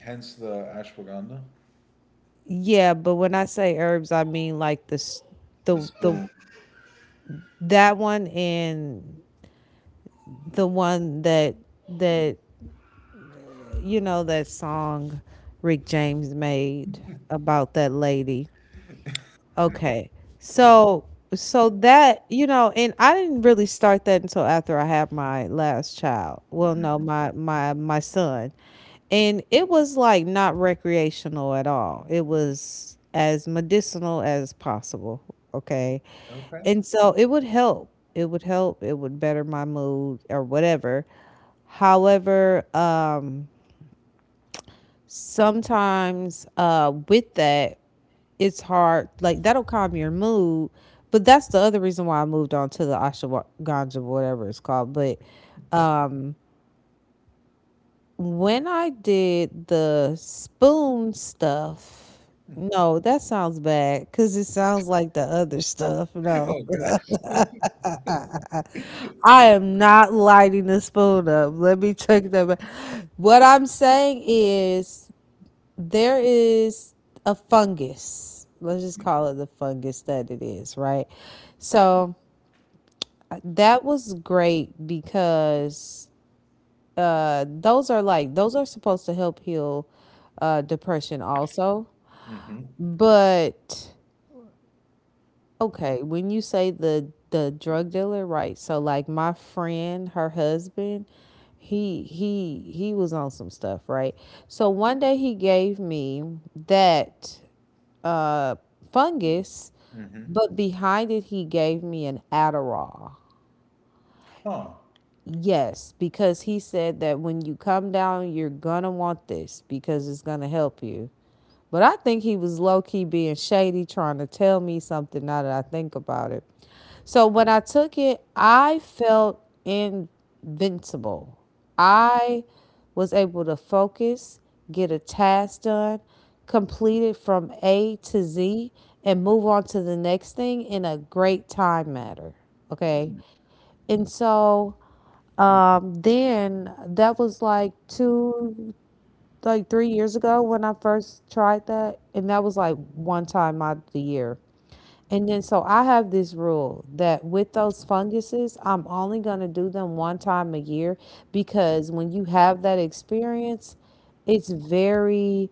Speaker 1: Hence the ashwagandha.
Speaker 2: Yeah, but when I say herbs, I mean like the s-
Speaker 1: The
Speaker 2: the the
Speaker 1: spoon.
Speaker 2: that one and the one that that you know that song Rick James made about that lady. Okay. So so that, you know, and I didn't really start that until after I had my last child. Well, no,
Speaker 1: Mhm.
Speaker 2: my son. And it was like not recreational at all. It was as medicinal as possible, okay?
Speaker 1: Okay.
Speaker 2: And so it would help. It would help. It would better my mood or whatever. However, sometimes with that it's hard, like that'll calm your mood, but that's the other reason why I moved on to the ashwagandha, whatever it's called. But um when I did the spoon stuff, no, that sounds bad because it sounds like the other stuff, no.
Speaker 1: Oh God.
Speaker 2: I am not lighting the spoon up. Let me take that back. What I'm saying is there is a fungus. Let's just call it the fungus that it is, right? So that was great because those are like, those are supposed to help heal depression also.
Speaker 1: Hmm
Speaker 2: But okay, when you say the drug dealer, right? So like my friend, her husband, he was on some stuff, right? So one day he gave me that uh, fungus,
Speaker 1: hmm.
Speaker 2: but behind it, he gave me an Adderall.
Speaker 1: Huh.
Speaker 2: Yes, because he said that when you come down, you're gonna want this because it's gonna help you. But I think he was low key being shady, trying to tell me something now that I think about it. So when I took it, I felt invincible. I was able to focus, get a task done, complete it from A to Z, and move on to the next thing in a great time matter. Okay.
Speaker 1: Mm,
Speaker 2: And so then that was like 3 years ago when I first tried that. And that was like one time out of the year. And then so I have this rule that with those funguses, I'm only going to do them one time a year because when you have that experience, it's very,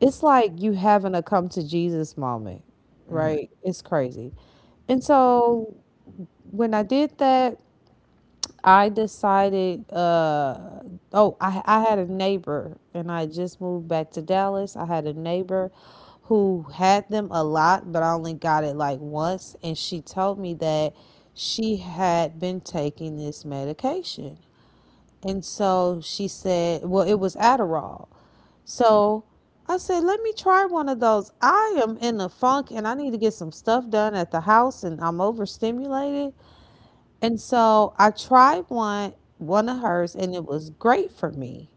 Speaker 2: it's like you having a come to Jesus moment,
Speaker 1: mm.
Speaker 2: right? It's crazy. And so when I did that, I decided, oh, I had a neighbor and I just moved back to Dallas. I had a neighbor who had them a lot, but I only got it like once. And she told me that she had been taking this medication. And so she said, well, it was Adderall. So I said, let me try one of those. I am in a funk and I need to get some stuff done at the house and I'm overstimulated. And so I tried one of hers, and it was great for me.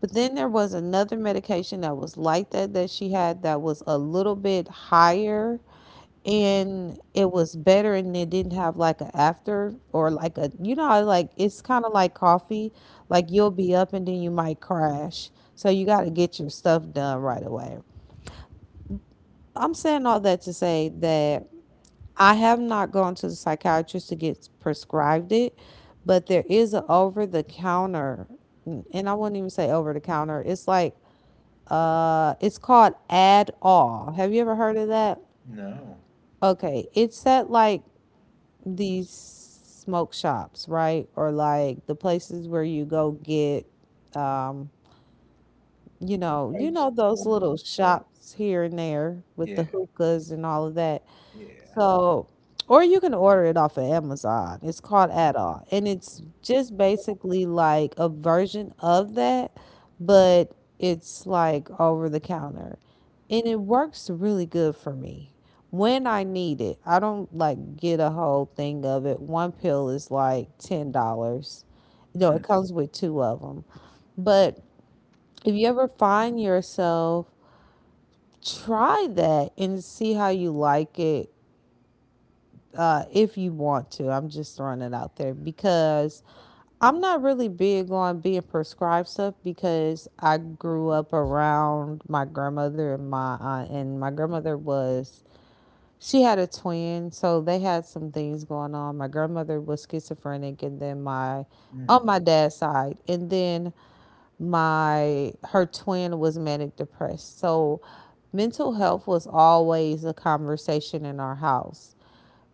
Speaker 2: But then there was another medication that was like that that she had that was a little bit higher and it was better and it didn't have like a after or like a, you know how, like it's kind of like coffee, like you'll be up and then you might crash, so you got to get your stuff done right away. I'm saying all that to say that I have not gone to the psychiatrist to get prescribed it, but there is an over the counter, and I wouldn't even say over the counter. It's like, it's called Add All. Have you ever heard of that?
Speaker 1: No.
Speaker 2: Okay, it's at like these smoke shops, right, or like the places where you go get, um, you
Speaker 1: Types
Speaker 2: know
Speaker 1: of
Speaker 2: those
Speaker 1: holes
Speaker 2: little
Speaker 1: and stuff.
Speaker 2: shops here and there with
Speaker 1: Yeah,
Speaker 2: the hookahs and all of that.
Speaker 1: yeah.
Speaker 2: So, or you can order it off of Amazon. It's called Adol, and it's just basically like a version of that, but it's like over the counter, and it works really good for me when I need it. I don't like get a whole thing of it. One pill is like $10. No, it
Speaker 1: Hmm.
Speaker 2: comes with two of them. But if you ever find yourself, try that and see how you like it, if you want to. I'm just throwing it out there because I'm not really big on being prescribed stuff because I grew up around my grandmother and my aunt, and my grandmother was, she had a twin, so they had some things going on. My grandmother was schizophrenic, and then my
Speaker 1: Hmm.
Speaker 2: on my dad's side, and then my her twin was manic depressed. So mental health was always a conversation in our house.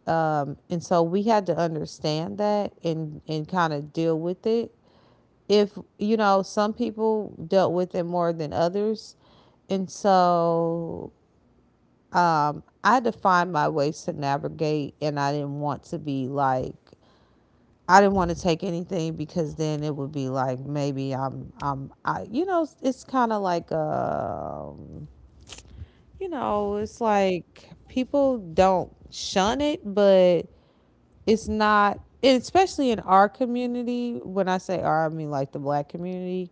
Speaker 2: And so we had to understand that and kind of deal with it. If, you know, some people dealt with it more than others. And so I had to find my ways to navigate, and I didn't want to be like, I didn't want to take anything because then it would be like maybe I, it's kind of like, it's like people don't shun it, but it's not, especially in our community, when I say our I mean like the Black community,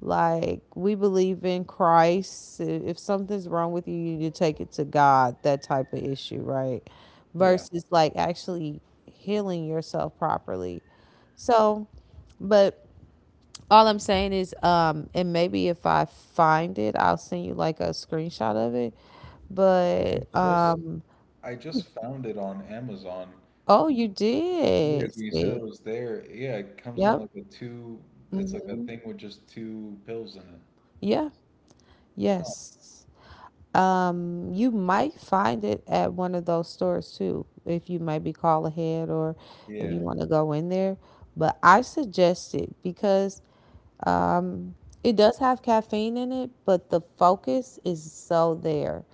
Speaker 2: like we believe in Christ, if something's wrong with you, you need to take it to God, that type of issue, right?
Speaker 1: Yeah.
Speaker 2: Versus like actually healing yourself properly. So but all I'm saying is, and maybe if I find it I'll send you like a screenshot of it,
Speaker 1: I
Speaker 2: but
Speaker 1: just I just found it on Amazon.
Speaker 2: oh, you did
Speaker 1: Yes, when you said it
Speaker 2: see.
Speaker 1: was there, yeah, it comes in
Speaker 2: Yep.
Speaker 1: like a two. It's like a
Speaker 2: Hmm.
Speaker 1: thing with just two pills in it.
Speaker 2: Yeah,
Speaker 1: Huh.
Speaker 2: yes. You might find it at one of those stores too, if you might be call ahead or if you
Speaker 1: Yeah.
Speaker 2: want to go in there. But I suggest it because, um, it does have caffeine in it, but the focus is so there.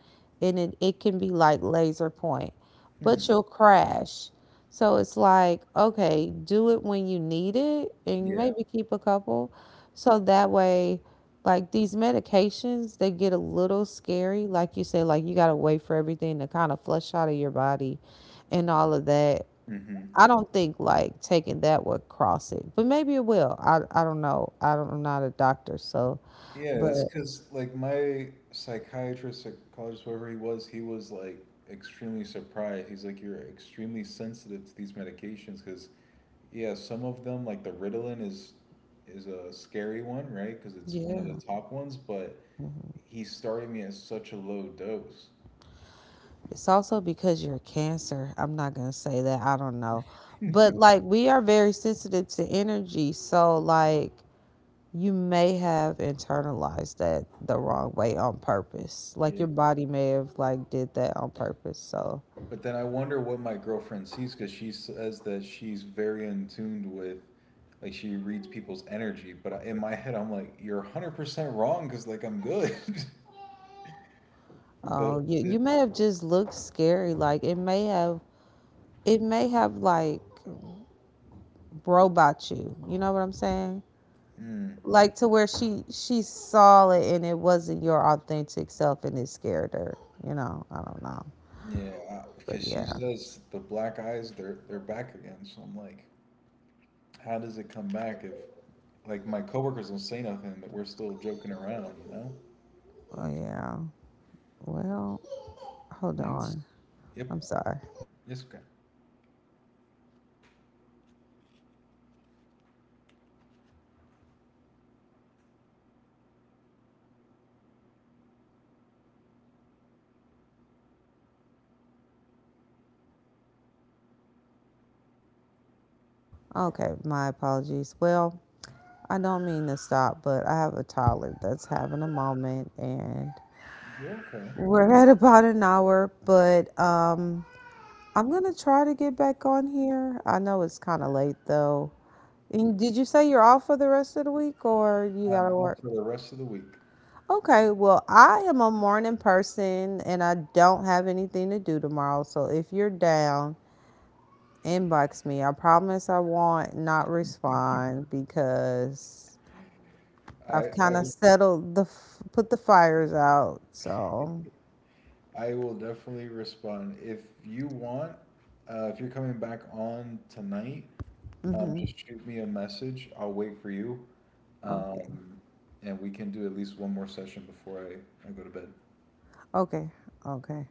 Speaker 2: And it can be like laser point,
Speaker 1: Hmm.
Speaker 2: but you'll crash. So it's like, okay, do it when you need it and
Speaker 1: Yeah.
Speaker 2: maybe keep a couple. So that way, like these medications, they get a little scary. Like you said, like you got to wait for everything to kind of flush out of your body and all of that.
Speaker 1: Hmm.
Speaker 2: I don't think like taking that would cross it, but maybe it will. I don't know. I'm not a doctor, so
Speaker 1: Yeah, that's
Speaker 2: but
Speaker 1: because like my psychiatrist, psychologist, whatever he was like extremely surprised. He's like, you're extremely sensitive to these medications because yeah, some of them like the Ritalin is a scary one, right? Because it's one of
Speaker 2: yeah,
Speaker 1: the top ones, but he started me at such a low dose.
Speaker 2: it's also because you're cancer. I'm not gonna say that. I don't know, but like we are very sensitive to energy, so like you may have internalized that the wrong way on purpose. Like
Speaker 1: Yeah.
Speaker 2: your body may have like did that on purpose. So
Speaker 1: But then I wonder what my girlfriend sees because she says that she's very in tuned with, like she reads people's energy. But in my head, I'm like, you're 100% wrong because like I'm good.
Speaker 2: oh,
Speaker 1: But
Speaker 2: you
Speaker 1: it,
Speaker 2: you may have just looked scary. Like it may have like robot you. You know what I'm saying?
Speaker 1: mm,
Speaker 2: Like to where she saw it and it wasn't your authentic self and it scared her. You know, I don't know.
Speaker 1: yeah,
Speaker 2: But
Speaker 1: because she
Speaker 2: yeah.
Speaker 1: says the black eyes, they're back again. So I'm like, how does it come back if like my coworkers don't say nothing that we're still joking around, you know?
Speaker 2: Oh yeah. Well, hold
Speaker 1: And it's
Speaker 2: on.
Speaker 1: yep,
Speaker 2: I'm sorry.
Speaker 1: it's okay.
Speaker 2: Okay, my apologies. Well, I don't mean to stop, but I have a toddler that's having a moment and
Speaker 1: You're okay.
Speaker 2: we're at about an hour, but I'm gonna try to get back on here. I know it's kinda late though. And did you say you're off for the rest of the week or you
Speaker 1: I'm
Speaker 2: gotta work?
Speaker 1: off for the rest of the week.
Speaker 2: Okay, well, I am a morning person and I don't have anything to do tomorrow. So if you're down, inbox me. I promise I won't not respond because
Speaker 1: I
Speaker 2: I've
Speaker 1: I,
Speaker 2: kind of
Speaker 1: will-
Speaker 2: settled put the fires out. So,
Speaker 1: I will definitely respond if you want. If you're coming back on tonight,
Speaker 2: mhm.
Speaker 1: just shoot me a message. I'll wait for you,
Speaker 2: Okay.
Speaker 1: um, and we can do at least one more session before I go to bed.
Speaker 2: Okay. Okay.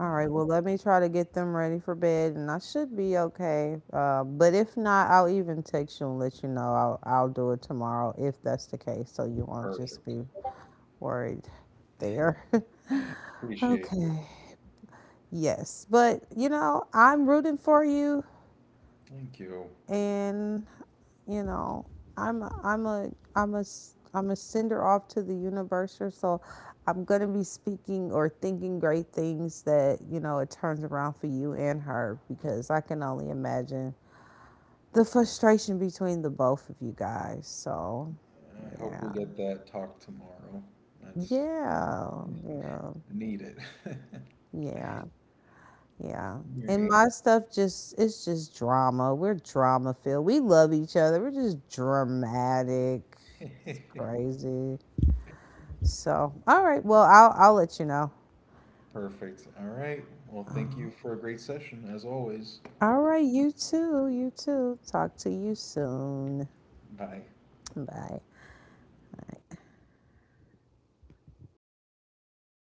Speaker 2: All right,
Speaker 1: Uh,
Speaker 2: well, let me try to get them ready for bed, and I should be okay. But if not, I'll even text you and let you know. I'll do it tomorrow if that's the case, so you won't just
Speaker 1: perfect.
Speaker 2: be worried there.
Speaker 1: Appreciate it.
Speaker 2: Okay. Yes, but you know, I'm rooting for you
Speaker 1: Thank you.
Speaker 2: and, you know, i'm a, i'm a I'm a sender off to the universe, or so I'm going to be speaking or thinking great things that, you know, it turns around for you and her, because I can only imagine the frustration between the both of you guys. So
Speaker 1: I hope we
Speaker 2: yeah.
Speaker 1: get that talk tomorrow. That's
Speaker 2: Yeah. Yeah.
Speaker 1: needed.
Speaker 2: Yeah. Yeah, and
Speaker 1: Need.
Speaker 2: my stuff just it's just drama. We're drama filled. We love each other. We're just dramatic.
Speaker 1: All
Speaker 2: It's
Speaker 1: right.
Speaker 2: crazy. So, all right. Well, I'll let you know.
Speaker 1: Perfect. All right. Well, thank you for a great session as always.
Speaker 2: All right, you too. You too. Talk to you soon.
Speaker 1: Bye.
Speaker 2: Bye.